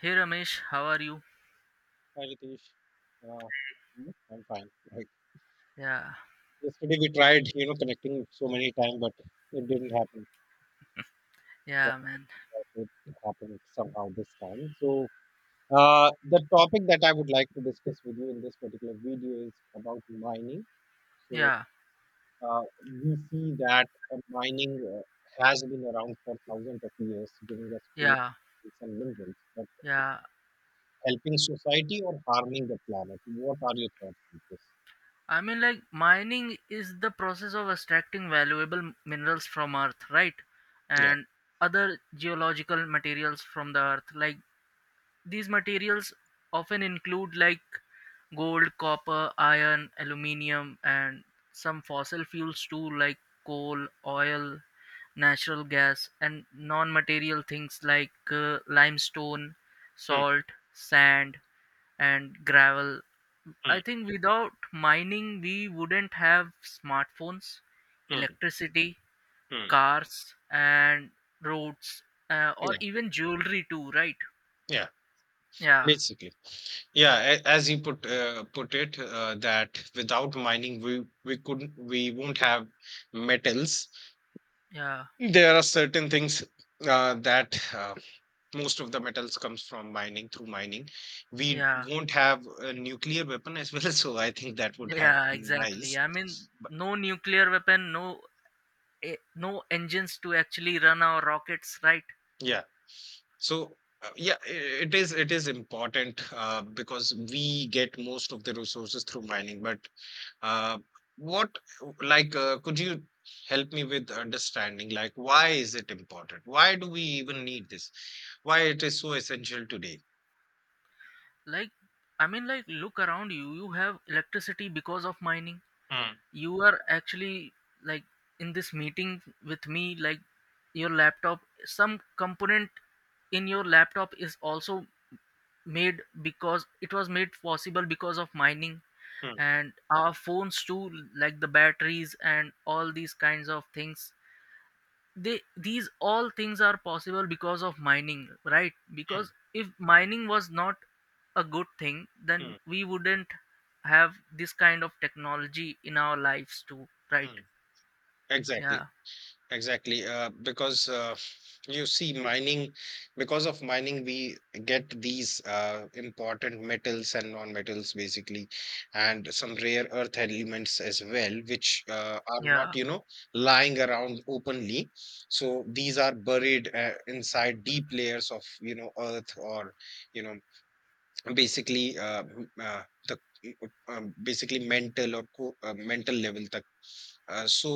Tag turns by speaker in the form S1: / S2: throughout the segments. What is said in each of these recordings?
S1: Hey Ramesh, how are you?
S2: Hi Ritesh, uh, Hmm. I'm fine. Like
S1: Yeah,
S2: yesterday we tried, you know, connecting so many times, but it didn't happen. But
S1: yeah, man.
S2: it happened somehow this time. So the topic that I would like to discuss with you in this particular video is about mining. So
S1: Yeah,
S2: we see that mining has been around for thousands of years, giving us food,
S1: yeah,
S2: tools and minerals, but
S1: yeah.
S2: helping society or harming the planet. What are your thoughts on this?
S1: I mean, like, mining is the process of extracting valuable minerals from Earth, right?
S2: Yeah.
S1: And other geological materials from the Earth, like. These materials often include like gold, copper, iron, aluminium, and some fossil fuels too, like coal, oil, natural gas, and non material things like limestone,
S2: Hmm,
S1: salt, sand, and gravel. I
S2: hmm,
S1: think without mining, we wouldn't have smartphones,
S2: hmm,
S1: electricity,
S2: hmm.
S1: cars, and roads, or even jewelry too, right?
S2: Yeah,
S1: Yeah,
S2: basically. Yeah, as you put it, that without mining, we couldn't, we won't have metals.
S1: yeah,
S2: There are certain things that most of the metals comes from mining, through mining. We
S1: yeah.
S2: won't have a nuclear weapon as well, so I think that would have
S1: Yeah,
S2: been
S1: exactly.
S2: nice.
S1: I mean, no nuclear weapon, no no engines to actually run our rockets, right?
S2: Yeah. So yeah, it is, it is important because we get most of the resources through mining, but Uh, what like could you help me with understanding, like, why is it important? Why do we even need this? Why it is so essential today?
S1: Like, I mean, like look around you. You have electricity because of mining.
S2: Mm,
S1: You are actually like in this meeting with me. Like, your laptop, some component in your laptop is also made because it was made possible because of mining,
S2: mm,
S1: and our phones too, like the batteries and all these kinds of things, they these all things are possible because of mining, right?
S2: mm,
S1: Because if mining was not a good thing,
S2: mm,
S1: then we wouldn't have this kind of technology in our lives too, right?
S2: mm. Exactly.
S1: Yeah,
S2: Exactly, because you see, mining, because of mining, we get these important metals and non-metals basically, and some rare earth elements as well, which are not,
S1: yeah,
S2: you know, lying around openly. So these are buried inside deep layers of, you know, earth, or, you know, basically, m the basically mental or co mental level तक. So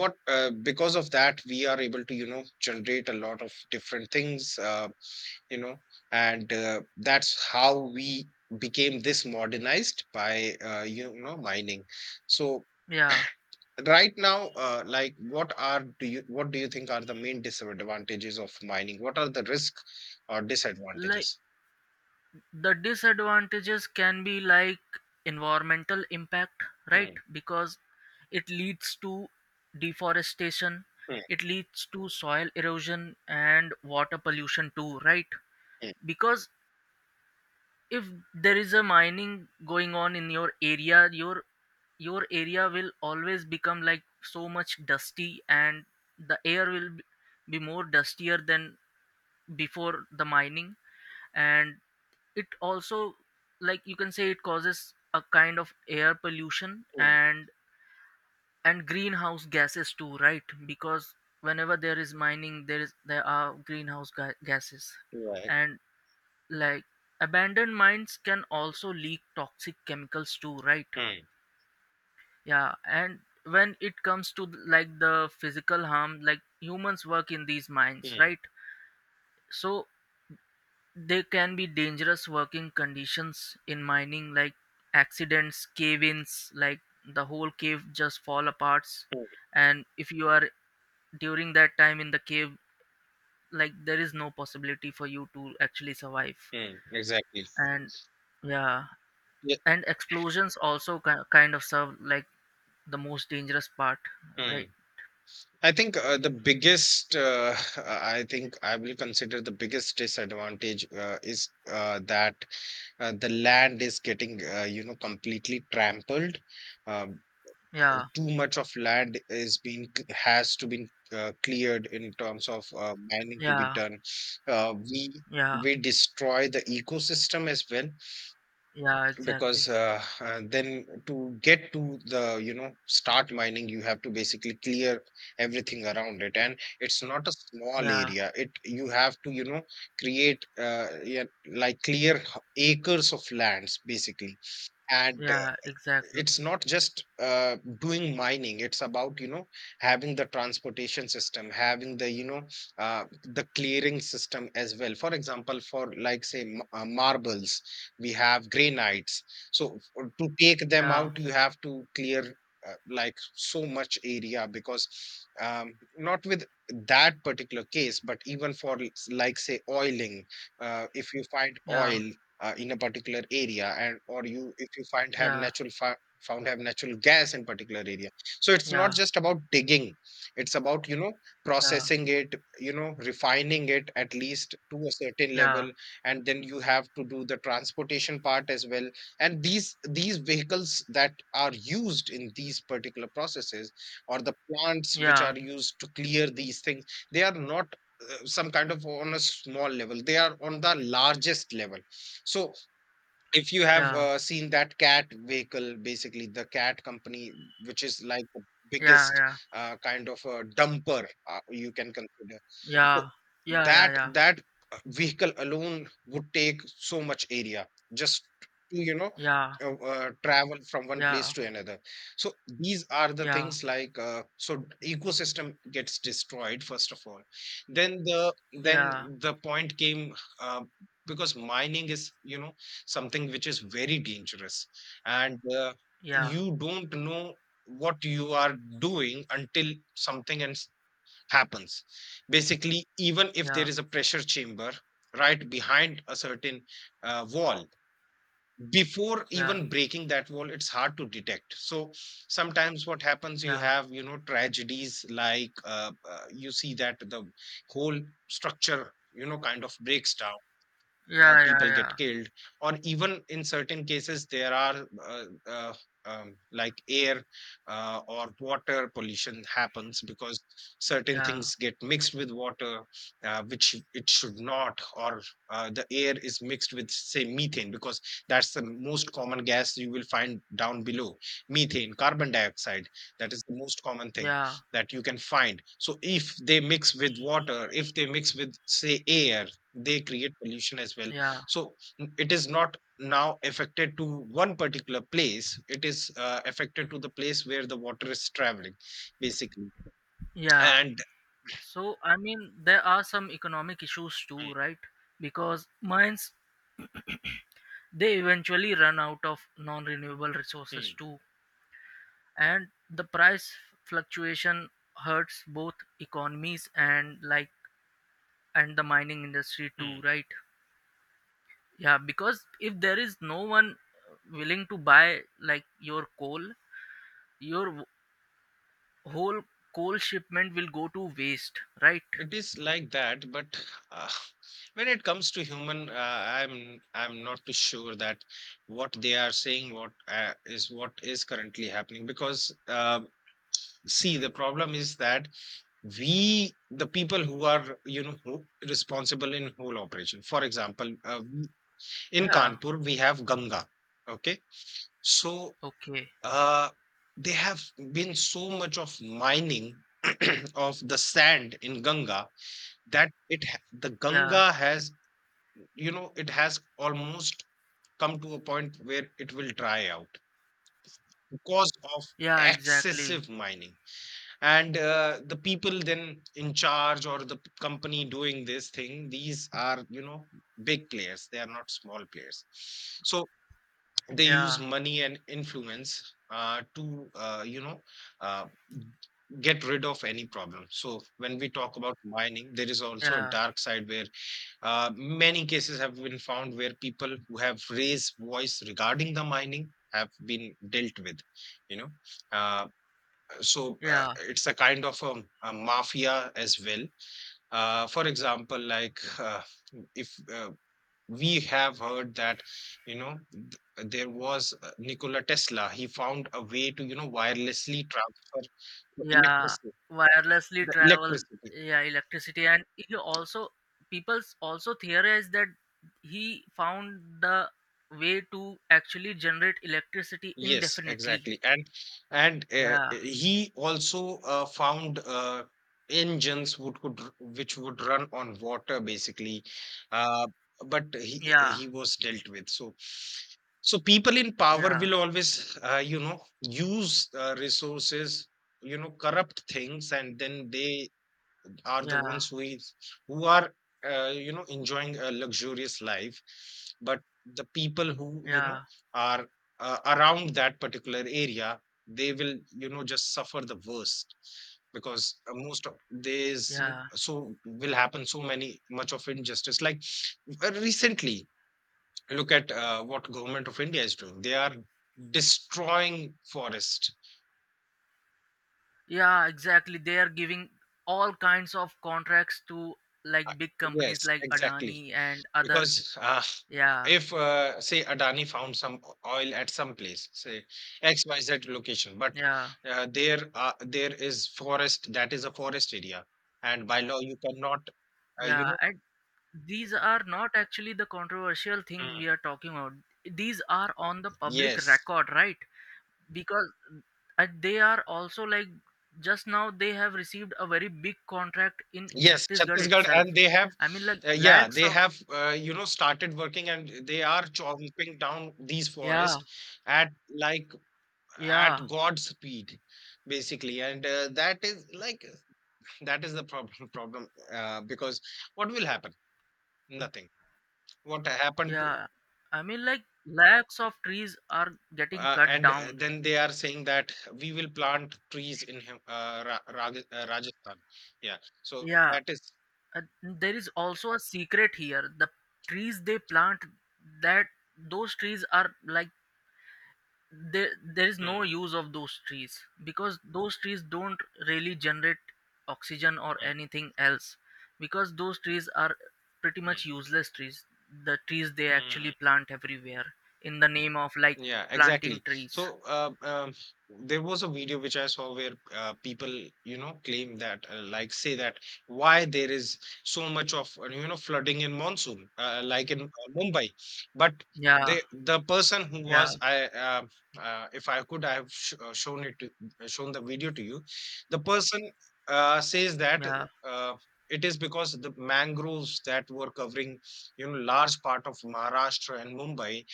S2: what because of that we are able to, you know, generate a lot of different things, you know, and that's how we became this modernized by, you know, mining. So
S1: yeah.
S2: right now, like, what are do you what do you think are the main disadvantages of mining? What are the risk or
S1: Like
S2: disadvantages?
S1: the disadvantages can be like environmental impact, right?
S2: Hmm,
S1: Because it leads to deforestation,
S2: hmm,
S1: it leads to soil erosion and water pollution too, right?
S2: hmm,
S1: Because if there is a mining going on in your area, your area will always become like so much dusty, and the air will be more dustier than before the mining. And it also, like you can say, it causes a kind of air pollution,
S2: hmm.
S1: and greenhouse gases too, right? Because whenever there is mining, there are greenhouse gases.
S2: Yeah.
S1: And like abandoned mines can also leak toxic chemicals too, right?
S2: Mm,
S1: Yeah. And when it comes to like the physical harm, like humans work in these mines,
S2: mm,
S1: right? So there can be dangerous working conditions in mining, like accidents, cave-ins, like the whole cave just fall apart.
S2: mm,
S1: And if you are during that time in the cave, like there is no possibility for you to actually survive.
S2: mm, exactly.
S1: And yeah,
S2: Yeah.
S1: and explosions also kind of serve like the most dangerous part,
S2: Mm.
S1: right?
S2: I think the biggest, I think I will consider the biggest disadvantage is that the land is getting, you know, completely trampled. Um,
S1: Yeah,
S2: too much of land is being has to be cleared in terms of mining to be
S1: yeah,
S2: done. Uh, we
S1: yeah,
S2: we destroy the ecosystem as well
S1: yeah, exactly.
S2: because then to get to, the you know, start mining, you have to basically clear everything around it, and it's not a small
S1: Yeah,
S2: area. It you have to, you know, create, yeah, like clear acres of lands basically. And
S1: yeah, exactly.
S2: it's not just doing mining. It's about, you know, having the transportation system, having the, you know, the clearing system as well. For example, for, like, say, marbles, we have granites. So to take them
S1: Yeah,
S2: out, you have to clear like so much area because not with that particular case, but even for like, say, oiling, if you find
S1: yeah,
S2: oil in a particular area, and or you if you find have
S1: yeah,
S2: natural, found have natural gas in particular area. So it's not
S1: yeah,
S2: just about digging. It's about, you know, processing it, you know, refining it at least to a certain
S1: yeah,
S2: level, and then you have to do the transportation part as well. And these vehicles that are used in these particular processes, or the plants which
S1: yeah,
S2: are used to clear these things, they are not some kind of on a small level, they are on the largest level. So if you have
S1: yeah,
S2: seen that Cat vehicle, basically the Cat company, which is like the
S1: yeah,
S2: biggest
S1: yeah,
S2: kind of a dumper, you can consider. So
S1: yeah,
S2: that
S1: yeah,
S2: that uh, vehicle alone would take so much area just to, you know, travel from one place
S1: yeah,
S2: to another. So these are the
S1: yeah,
S2: things like, ecosystem gets destroyed first of all. Then the,
S1: yeah,
S2: then
S1: yeah,
S2: the point came, uh, because mining is, you know, something which is very dangerous, and
S1: yeah,
S2: you don't know what you are doing until something and happens. Basically, even if there
S1: yeah,
S2: is a pressure chamber right behind a certain wall, before
S1: yeah,
S2: even breaking that wall it's hard to detect. So sometimes what happens,
S1: yeah,
S2: you
S1: yeah,
S2: have, you know, tragedies like, you see that the whole structure, you know, kind of breaks down,
S1: yeah, yeah,
S2: people get
S1: yeah,
S2: killed, or even in certain cases there are like air or water pollution happens because
S1: yeah,
S2: certain things
S1: yeah,
S2: get mixed with water which it should not, or the air is mixed with, say, methane, because that's the most common gas you will find down below. Methane, carbon dioxide, that is the most common
S1: yeah,
S2: thing
S1: yeah,
S2: that you can find. So if they mix with water, if they mix with, say, air, they create pollution as well.
S1: yeah,
S2: So it is not now affected to one particular place. It is affected to the place where the water is traveling, basically.
S1: yeah.
S2: And
S1: So, I mean, there are some economic issues too,
S2: Hmm,
S1: right? Because mines, they eventually run out of non renewable resources
S2: hmm,
S1: too. And the price fluctuation hurts both economies and, like, and the mining industry too,
S2: hmm.
S1: right? Yeah, because if there is no one willing to buy like your coal, your whole coal shipment will go to waste, right?
S2: It is like that. But uh, when it comes to human, I'm not too sure that what they are saying, what is, what is currently happening because see, the problem is that we, the people who are, you know, who responsible in whole operation. For example, we in
S1: Yeah,
S2: Kanpur, we have Ganga. Okay. So
S1: okay,
S2: uh, they have been so much of mining of the sand in Ganga that the
S1: yeah,
S2: Ganga has, you know, it has almost come to a point where it will dry out because of
S1: yeah, exactly,
S2: excessive mining. And the people then in charge, or the company doing this thing, these are, you know, big players, they are not small players. So they use
S1: yeah.
S2: money and influence to, you know, uh, get rid of any problem. So when we talk about mining, there is also a
S1: Yeah,
S2: dark side where many cases have been found where people who have raised voice regarding the mining have been dealt with, you know. uh, so
S1: yeah,
S2: it's a kind of a mafia as well. For example, like, if we have heard that, you know, there was, Nikola Tesla, he found a way to, you know, wirelessly transfer the
S1: yeah.
S2: electricity,
S1: Wirelessly
S2: the
S1: travel,
S2: electricity
S1: yeah, electricity, and he also, people also theorize that he found the way to actually generate electricity
S2: Yes,
S1: indefinitely.
S2: exactly. And
S1: Yeah,
S2: he also found, engines which would run on water basically, uh, but he
S1: yeah,
S2: he was dealt with. So, so people in power
S1: yeah,
S2: will always you know, use resources, you know, corrupt things, and then they are the
S1: yeah,
S2: ones with, who are you know, enjoying a luxurious life. But the people who, you know,
S1: yeah,
S2: are around that particular area, they will, you know, just suffer the worst, because most of there's,
S1: yeah,
S2: so will happen so many much of injustice. Like recently, look at what government of India is doing. They are destroying forest.
S1: yeah. Exactly. They are giving all kinds of contracts to
S2: Uh,
S1: like big companies
S2: yes,
S1: like
S2: exactly.
S1: Adani and other.
S2: Because,
S1: Yeah,
S2: if, say, Adani found some o oil at some place, say, XYZ location, but,
S1: yeah,
S2: there is forest, that is a forest area, and by law you cannot, you
S1: yeah.
S2: know,
S1: These are not actually the controversial thing
S2: Mm.
S1: we are talking about. These are on the public
S2: Yes.
S1: record, right? Because they are also like, just now they have received a very big contract in
S2: Yes,
S1: Chhattisgarh
S2: Chhattisgarh,
S1: itself.
S2: and they have
S1: I mean, like
S2: yeah,
S1: lakhs
S2: they
S1: of,
S2: have, you know, started working, and they are chomping down these
S1: yeah,
S2: forests at, like,
S1: yeah,
S2: at God speed, basically. And, that is like, that is the problem problem, because what will happen? Nothing. What happened to,
S1: yeah, I mean, like lakhs of trees are getting cut
S2: and
S1: down.
S2: then they are saying that we will plant trees in Rajasthan. Yeah. So
S1: Yeah,
S2: that is.
S1: there is also a secret here. The trees they plant, that those trees are like, there there is no
S2: Hmm,
S1: use of those trees, because those trees don't really generate oxygen or
S2: hmm,
S1: anything else, because those trees are pretty
S2: hmm,
S1: much useless trees. The trees they actually
S2: hmm.
S1: plant everywhere in the name of like
S2: Yeah,
S1: planting
S2: exactly.
S1: trees.
S2: So there was a video which I saw where people, you know, claim that, like, say, that why there is so much of, you know, flooding in monsoon, like in Mumbai. But
S1: Yeah,
S2: the person who
S1: yeah,
S2: was, I, if I could, I have sh shown it to, shown the video to you. The person says that
S1: yeah,
S2: uh, it is because the mangroves that were covering, you know, large part of Maharashtra and Mumbai,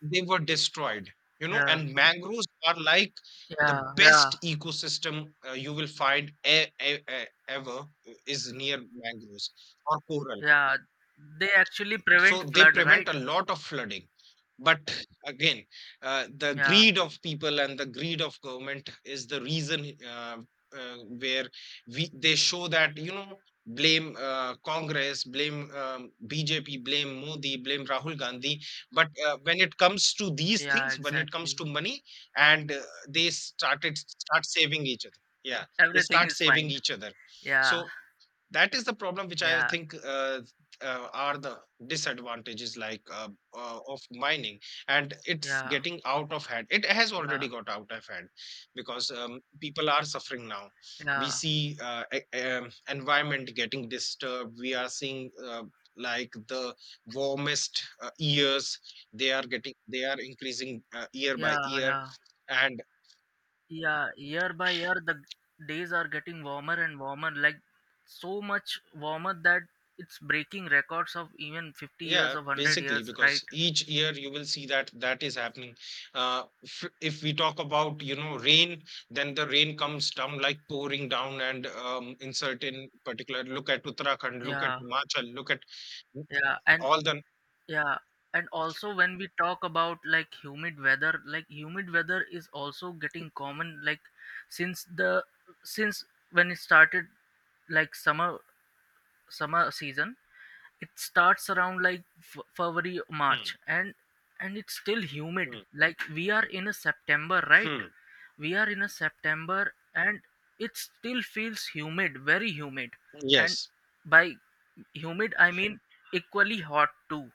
S2: they were destroyed, you know.
S1: yeah,
S2: And mangroves are like the
S1: yeah, yeah,
S2: best ecosystem you will find ever, is near mangroves or coral.
S1: yeah, they actually prevent
S2: So they
S1: flood,
S2: prevent
S1: right?
S2: a lot of flooding. But again, the
S1: Yeah,
S2: greed of people and the greed of government is the reason, uh, where we, they show that, you know, blame Congress, blame BJP, blame Modi, blame Rahul Gandhi. But when it comes to these
S1: yeah,
S2: things, when it comes
S1: exactly.
S2: to money and they start saving each other, yeah, they
S1: Everything
S2: start
S1: is
S2: saving
S1: fine.
S2: each other.
S1: Yeah,
S2: So that is the problem which I
S1: yeah,
S2: think are the disadvantages, like, of mining. And it's
S1: yeah,
S2: getting out of hand. It has
S1: yeah,
S2: already got out of hand because people are suffering now. We
S1: yeah.
S2: see environment getting disturbed. We are seeing like the warmest years. They are increasing year by
S1: Yeah,
S2: year,
S1: yeah,
S2: and
S1: yeah. Year by year, the days are getting warmer and warmer. Like so much warmer that it's breaking records of even 50 years
S2: yeah,
S1: of 100
S2: basically,
S1: years, right?
S2: because each year you will see that that is happening. If we talk about, you know, rain, then the rain comes down like pouring down, and in certain particular, look at Uttarakhand, look at
S1: Yeah,
S2: Himachal, look at
S1: yeah, and
S2: all the.
S1: yeah, and also when we talk about like humid weather is also getting common. Like since the since when it started, like summer season, it starts around like february
S2: Hmm,
S1: march, and it's still humid,
S2: hmm,
S1: like we are in a september, right?
S2: hmm.
S1: We are in a september and it still feels humid, very humid. And
S2: Yes.
S1: by humid I mean equally hot too.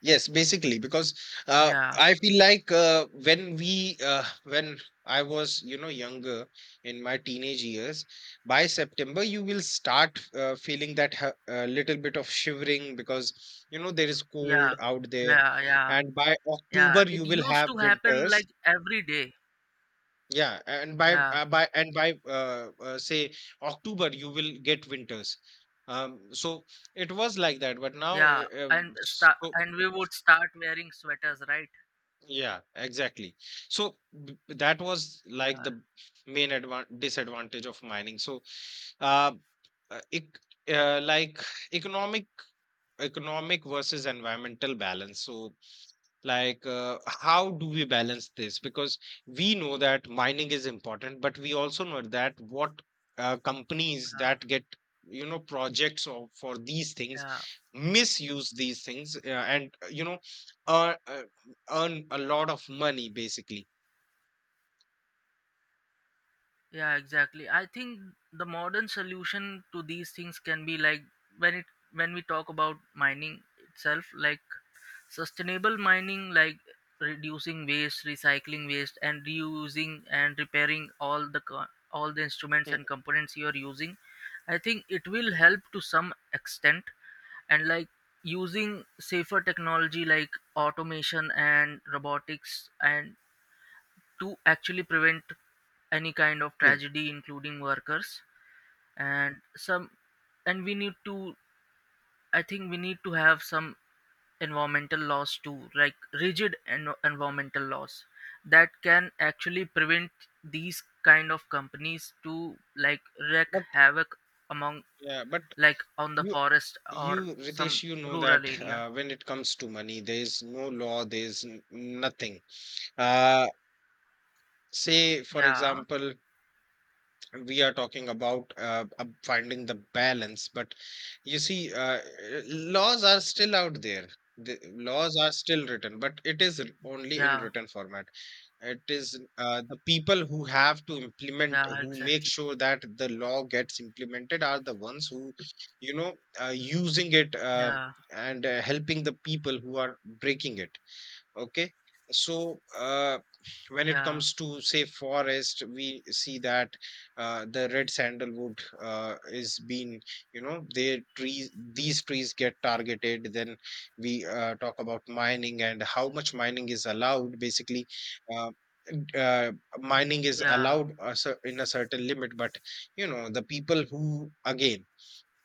S2: Yes, basically, because
S1: Yeah,
S2: I feel like when I was, you know, younger in my teenage years, by September, you will start feeling that little bit of shivering because, you know, there is cold
S1: yeah,
S2: out there.
S1: yeah, yeah,
S2: And by
S1: yeah,
S2: October,
S1: it
S2: you will
S1: used
S2: have
S1: to happen
S2: winters.
S1: like every day.
S2: Yeah, and by
S1: Yeah,
S2: uh, by and by uh, uh, say October, you will get winters. So it was like that, but now
S1: yeah, and start,
S2: so
S1: and we would start wearing sweaters, right?
S2: yeah, exactly. So that was like
S1: Yeah,
S2: the main advan disadvantage of mining. So, uh, uh, ec- like economic economic versus environmental balance. So, like, how do we balance this? Because we know that mining is important, but we also know that what companies
S1: yeah,
S2: that get, you know, projects of, for these things,
S1: yeah.
S2: misuse these things, and you know, uh, uh, earn a lot of money, basically.
S1: Yeah, exactly. I think the modern solution to these things can be like, when it, when we talk about mining itself, like sustainable mining, like reducing waste, recycling waste, and reusing and repairing all the all the instruments
S2: Hmm,
S1: and components you are using. I think it will help to some extent, and like using safer technology like automation and robotics and to actually prevent any kind of
S2: hmm.
S1: tragedy including workers. And some, and we need to, I think we need to have some environmental laws too, like rigid environmental laws that can actually prevent these kind of companies to like wreak
S2: But
S1: havoc among,
S2: yeah, but
S1: like on the
S2: you
S1: forest or
S2: you
S1: some
S2: Ritesh, you know
S1: rural
S2: that
S1: area.
S2: when it comes to money, there is no law, there is nothing. Uh, say for
S1: Yeah,
S2: example, we are talking about finding the balance, but you see, laws are still out there. The laws are still written, but it is only in
S1: yeah,
S2: written format. It is the people who have to implement,
S1: yeah,
S2: who make
S1: exactly,
S2: sure that the law gets implemented, are the ones who, you know, using it, uh,
S1: yeah,
S2: and uh, helping the people who are breaking it. Okay. So, when it
S1: yeah,
S2: comes to, say, forest, we see that the red sandalwood is being, you know, these trees get targeted. Then we talk about mining and how much mining is allowed. Basically, uh, uh, mining is
S1: yeah,
S2: allowed in a certain limit, but, you know, the people who again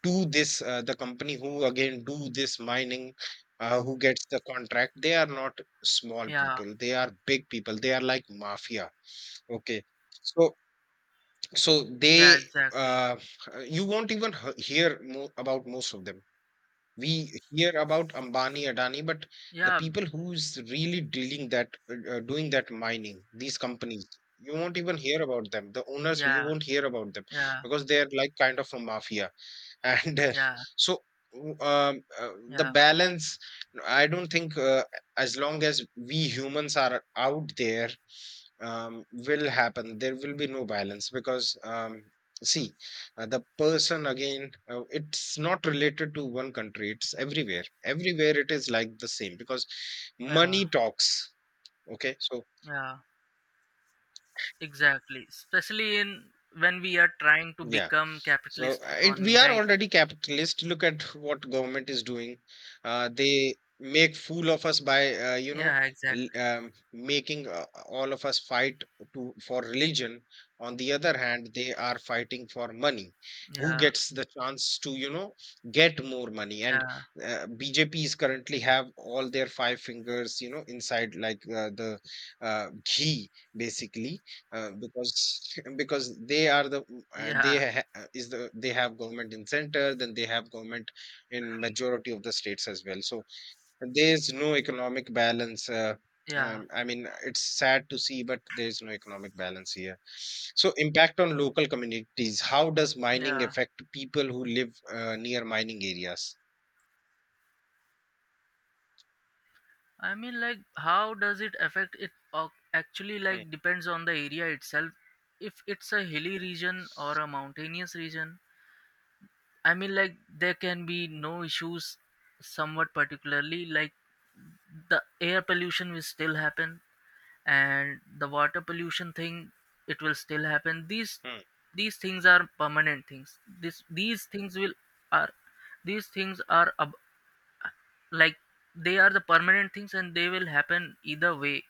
S2: to this, the company who again do this mining, who gets the contract, they are not small
S1: yeah,
S2: people, they are big people, they are like mafia. Okay. So so
S1: yeah,
S2: they,
S1: exactly,
S2: uh, you won't even hear about most of them. We hear about Ambani, Adani, but the
S1: yeah,
S2: people who's really dealing that, doing that mining, these companies, you won't even hear about them, the owners, you
S1: yeah,
S2: won't hear about them,
S1: yeah,
S2: because they are like kind of a mafia. and uh,
S1: yeah,
S2: so, um, uh, the
S1: yeah,
S2: balance, I don't think as long as we humans are out there, will happen. There will be no balance because, see, the person again, it's not related to one country, it's everywhere. Everywhere it is like the same because
S1: yeah,
S2: money talks. Okay. So,
S1: yeah. Exactly. Especially in when we are trying to
S2: yeah.
S1: become
S2: So
S1: capitalist
S2: we
S1: economy,
S2: are
S1: right?
S2: already capitalist. Look at what government is doing. They make fool of us by, you know,
S1: Yeah, exactly.
S2: making all of us fight to for religion. On the other hand, they are fighting for money. Who
S1: Yeah,
S2: gets the chance to, you know, get more money? And
S1: yeah,
S2: uh, BJPs currently have all their five fingers, you know, inside, like the ghee, basically, because because they are
S1: yeah,
S2: they have government in center, then they have government in majority of the states as well. So there is no economic balance,
S1: yeah,
S2: I mean, it's sad to see, but there is no economic balance here. So, impact on local communities. How does mining
S1: yeah.
S2: affect people who live near mining areas?
S1: I mean, like, how does it affect it? Actually,
S2: Hmm,
S1: like, depends on the area itself. If it's a hilly region or a mountainous region, I mean, like, there can be no issues, somewhat particularly, like, the air pollution will still happen, and the water pollution thing, it will still happen. these
S2: hmm,
S1: these things are permanent things this these things will are these things are ab- Like, they are the permanent things, and they will happen either way,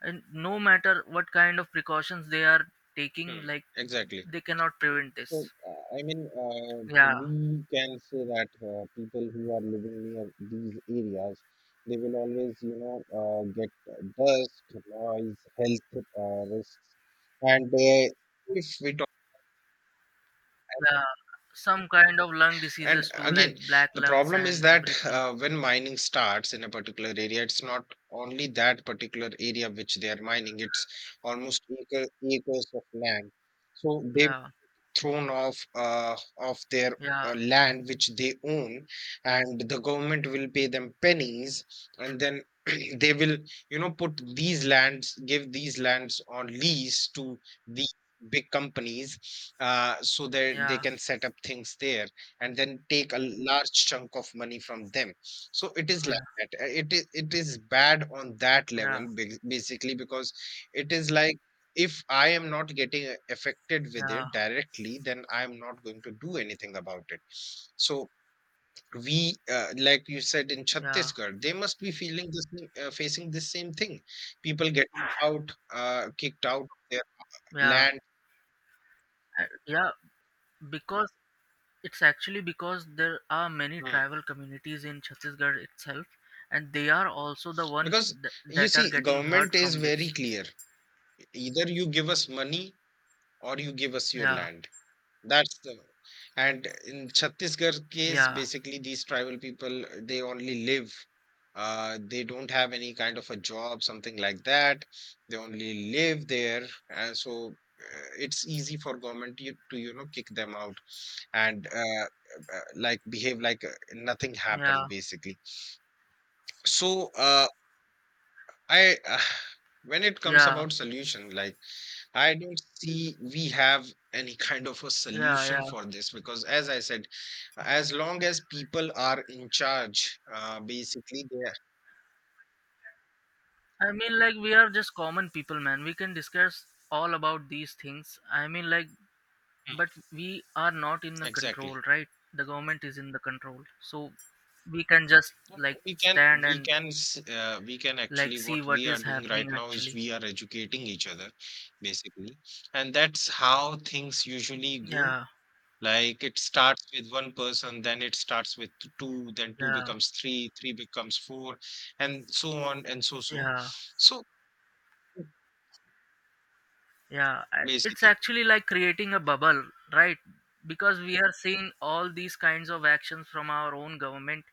S1: and no matter what kind of precautions they are taking,
S2: hmm.
S1: like
S2: Exactly.
S1: they cannot prevent
S2: So,
S1: this.
S2: I mean,
S1: Yeah,
S2: we can say that people who are living near these areas, they will always, you know, get dust, noise, health risks, and if we talk,
S1: yeah, some kind of lung
S2: and
S1: diseases too,
S2: again,
S1: like black
S2: the
S1: lungs
S2: problem is
S1: and
S2: that
S1: everything.
S2: when mining starts in a particular area, it's not only that particular area which they are mining; it's almost acres of land. So they
S1: Yeah,
S2: thrown off of their
S1: yeah,
S2: land which they own, and the government will pay them pennies, and then they will, you know, put these lands, give these lands on lease to the big companies, so that they
S1: yeah,
S2: can set up things there, and then take a large chunk of money from them. So it is
S1: yeah,
S2: like that. It is bad on that level,
S1: yeah,
S2: basically, because it is like, if I am not getting affected with
S1: yeah,
S2: it directly, then I'm not going to do anything about it. So we, like you said, in
S1: yeah,
S2: Chhattisgarh, they must be feeling this, facing the same thing. People getting out, kicked out of their
S1: yeah.
S2: land.
S1: Yeah, because it's actually because there are many
S2: Hmm.
S1: tribal communities in Chhattisgarh itself, and they are also the one
S2: Because you
S1: that are
S2: see,
S1: getting hurt
S2: government is
S1: from
S2: very
S1: this.
S2: clear. Either you give us money or you give us your
S1: Yeah,
S2: land. That's the and in Chhattisgarh case,
S1: yeah,
S2: basically these tribal people, they only live. They don't have any kind of a job, something like that. They only live there, and so it's easy for government, to, you know, kick them out, and like behave like nothing
S1: yeah,
S2: happened, basically. So I when it comes
S1: yeah,
S2: about solution, like, I don't see we have any kind of a
S1: yeah,
S2: solution
S1: yeah.
S2: for this because, as I said, as long as people are in charge, basically they are.
S1: I mean, like we are just common people, man. We can discuss all about these things. I mean, like,
S2: Mm,
S1: but we are not in the
S2: exactly.
S1: control, right? The government is in the control, so we can just
S2: Well,
S1: like
S2: We can
S1: stand
S2: we
S1: and
S2: can s- uh, we can
S1: like
S2: actually,
S1: see
S2: what
S1: what
S2: we are
S1: is
S2: doing right
S1: happening
S2: now is
S1: actually.
S2: we are educating each other, basically, and that's how things usually go.
S1: Yeah,
S2: Like, it starts with one person, then it starts with two, then two
S1: yeah.
S2: becomes three, three becomes four, and so on and so.
S1: Yeah,
S2: So,
S1: yeah, I- it's
S2: basically.
S1: actually like creating a bubble, right? Because we are seeing all these kinds of actions from our own government,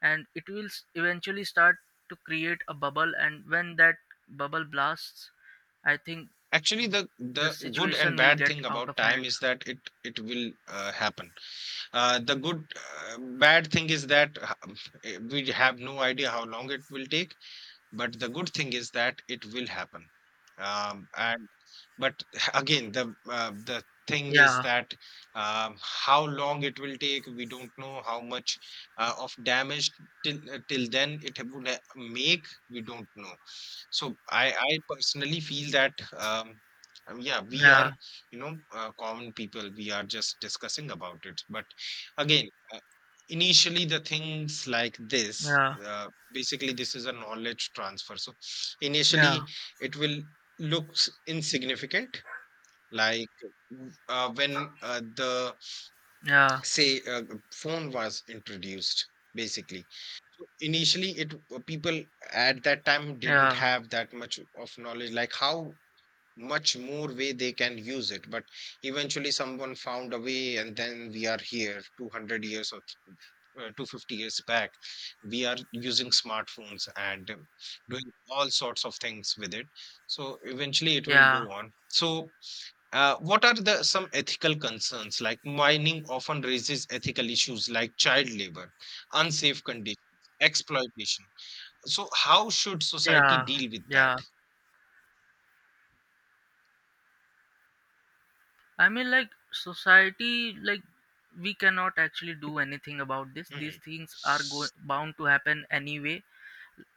S1: and it will eventually start to create a bubble, and when that bubble blasts, I think
S2: Actually, the
S1: the
S2: the good and
S1: situation will
S2: bad
S1: get
S2: thing
S1: out
S2: about
S1: of
S2: time
S1: hand.
S2: is that it will happen. The good bad thing is that we have no idea how long it will take. But the good thing is that it will happen. And but again, the thing is
S1: Yeah,
S2: that, how long it will take, we don't know. How much of damage till then it would make, we don't know. So I personally feel that, yeah, we are,
S1: yeah,
S2: you know, common people. We are just discussing about it. But again, initially the things like this.
S1: yeah,
S2: Basically this is a knowledge transfer. So
S1: yeah,
S2: initially it will looks insignificant, like when the,
S1: yeah,
S2: say, phone was introduced, basically. So initially it people at that time didn't
S1: yeah,
S2: have that much of knowledge, like how much more way they can use it. But eventually, someone found a way, and then we are here 200 years or 250 years back. We are using smartphones and, doing all sorts of things with it. So eventually, it will
S1: yeah,
S2: go on. So, what are the some ethical concerns? Like mining often raises ethical issues like child labor, unsafe conditions, exploitation. So, how should society
S1: yeah,
S2: deal with that?
S1: yeah. I mean, like, society, like, we cannot actually do anything about this. These
S2: Hmm.
S1: things are bound to happen anyway.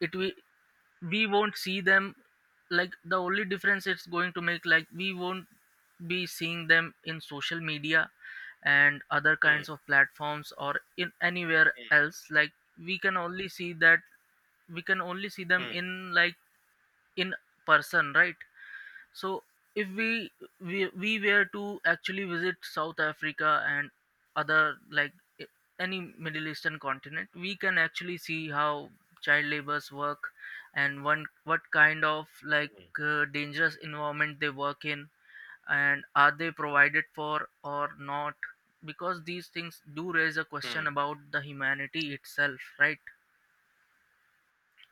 S1: It we won't see them. Like, the only difference it's going to make, like, we won't be seeing them in social media and other
S2: Hmm. Hmm.
S1: kinds of platforms or in anywhere else. Like, we can only see that we can only see them
S2: Hmm,
S1: in like in person, right? So if we, we were to actually visit South Africa and other like, i- any Middle Eastern continent, we can actually see how child labors work, and one what kind of like,
S2: mhm.
S1: dangerous environment they work in, and are they provided for or not, because these things do raise a question
S2: Hmm.
S1: about the humanity itself, right?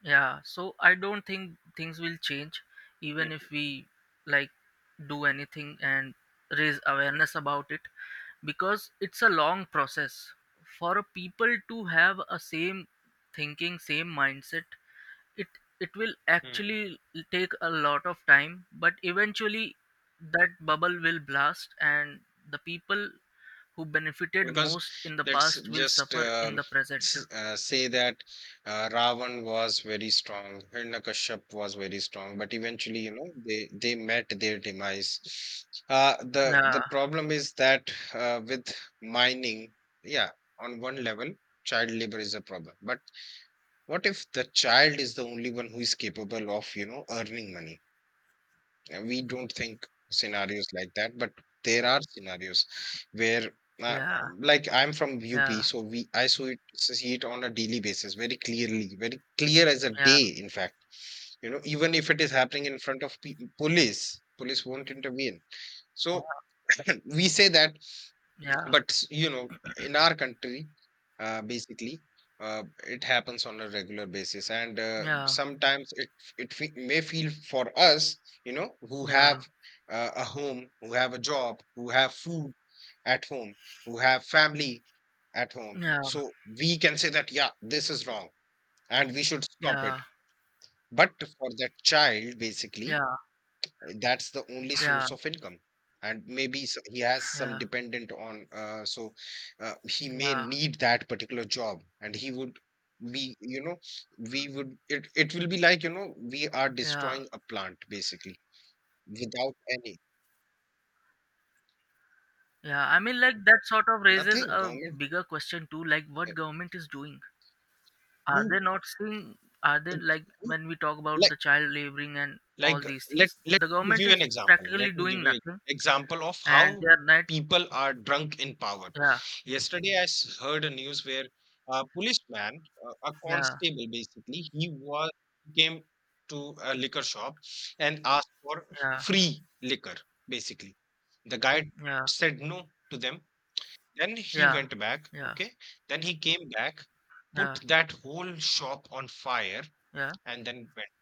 S1: Yeah, so I don't think things will change even
S2: Mm,
S1: if we like do anything and raise awareness about it, because it's a long process for a people to have a same thinking, same mindset. It it will
S2: mm.
S1: actually take a lot of time, but eventually that bubble will blast, and the people who benefited
S2: Because
S1: most in the
S2: let's
S1: past will
S2: just
S1: suffer in the present.
S2: say that Ravan was very strong, Hiranyakashipu was very strong, but eventually, you know, they met their demise. The
S1: Yeah,
S2: problem is that, with mining, yeah, on one level, child labor is a problem. But what if the child is the only one who is capable of, you know, earning money? We don't think scenarios like that, but there are scenarios where, uh,
S1: yeah,
S2: like I'm from UP,
S1: yeah,
S2: so we I saw it, see it on a daily basis, very clearly, very clear as a
S1: yeah,
S2: day, in fact. You know, even if it is happening in front of police, police won't intervene.
S1: yeah.
S2: So we say that,
S1: Yeah,
S2: but, you know, in our country, basically, it happens on a regular basis, and
S1: yeah,
S2: sometimes it may feel for us, you know, who
S1: yeah,
S2: have a home, who have a job, who have food at home, who have family at home.
S1: yeah,
S2: So we can say that, yeah, this is wrong, and we should stop it.
S1: yeah,
S2: But for that child, basically,
S1: yeah,
S2: that's the only
S1: yeah,
S2: source of income. And maybe he has some
S1: yeah,
S2: dependent on, so he may
S1: yeah,
S2: need that particular job, and he would be, you know, we would it will be like, you know, we are
S1: yeah,
S2: destroying a plant, basically, without any
S1: yeah. I mean, like that sort of raises
S2: nothing.
S1: a
S2: Government,
S1: bigger question too, like
S2: uh,
S1: what government is doing. Are
S2: who-
S1: they not seeing? Are
S2: uh,
S1: they like
S2: who-
S1: when we talk about
S2: like
S1: the child laboring and all
S2: Like,
S1: these
S2: let
S1: things,
S2: let
S1: the
S2: me
S1: government
S2: give you an
S1: is
S2: example.
S1: practically
S2: Let me give
S1: doing
S2: you an
S1: nothing,
S2: example of
S1: and they
S2: how
S1: are not.
S2: people are drunk in power.
S1: Yeah,
S2: Yesterday, I heard a news where a policeman, a
S1: yeah,
S2: constable, basically, he was came to a liquor shop and asked for
S1: yeah,
S2: free liquor. Basically, the guy
S1: yeah,
S2: said no to them. Then he
S1: yeah,
S2: went back.
S1: yeah,
S2: Okay. Then he came back,
S1: yeah,
S2: put
S1: yeah.
S2: that whole shop on fire,
S1: Yeah,
S2: and then went.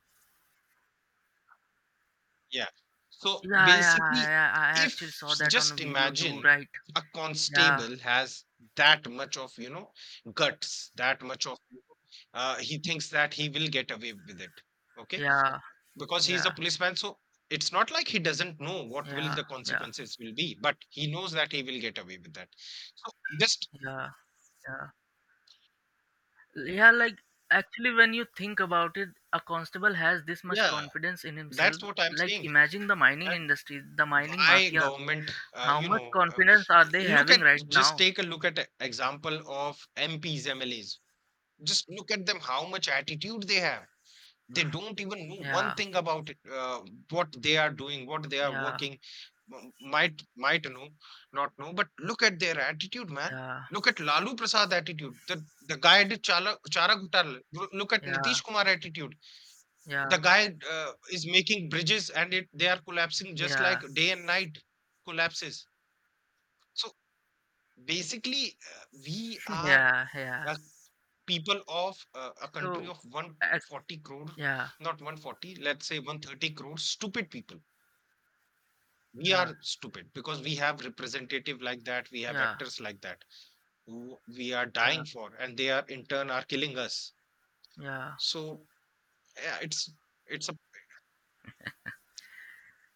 S2: Yeah. So
S1: yeah, I, I
S2: basically,
S1: I
S2: if,
S1: actually saw that on a
S2: just
S1: video too,
S2: imagine,
S1: right?
S2: a
S1: Yeah,
S2: constable has that much of, you know, guts, that much of, you know, he thinks that he will get away with it. Okay.
S1: yeah.
S2: Because he's a
S1: Yeah,
S2: policeman. So it's not like he doesn't know what will
S1: yeah,
S2: the
S1: yeah,
S2: consequences will be, but he knows that he will get away with that. So just,
S1: yeah, yeah. Yeah, like actually, when you think about it, a constable has this much
S2: yeah,
S1: confidence in himself.
S2: that's what I'm
S1: Like,
S2: saying.
S1: imagine the mining industry, the mining
S2: Why
S1: mafia.
S2: government,
S1: How
S2: you
S1: much
S2: know,
S1: confidence are they
S2: look
S1: having
S2: at,
S1: right
S2: just
S1: now?
S2: take a look at a example of MPs, MLAs, just look at them, how much attitude they have. They don't even know one
S1: Yeah,
S2: thing about it, what they are doing, what they are
S1: yeah,
S2: working. Might know, not know, but look at their attitude, man.
S1: yeah,
S2: Look at Lalu Prasad attitude, the guy did Chala, Chara Ghotala. Look at
S1: yeah,
S2: Nitish Kumar attitude, the
S1: yeah,
S2: guy is making bridges and it they are collapsing just
S1: yeah,
S2: like day and night. Collapses. So basically, we are
S1: yeah, yeah.
S2: a people of, a country
S1: So,
S2: of
S1: ac-
S2: 140 crore.
S1: yeah,
S2: Not 140, let's say 130 crore stupid people. We are
S1: yeah,
S2: stupid because we have representative like that, we have
S1: yeah,
S2: actors like that, who we are
S1: yeah,
S2: dying for, and they are in turn are killing us.
S1: yeah.
S2: So yeah, it's a.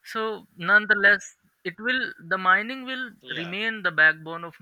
S1: So nonetheless, it will the mining will
S2: Yeah.
S1: remain the backbone of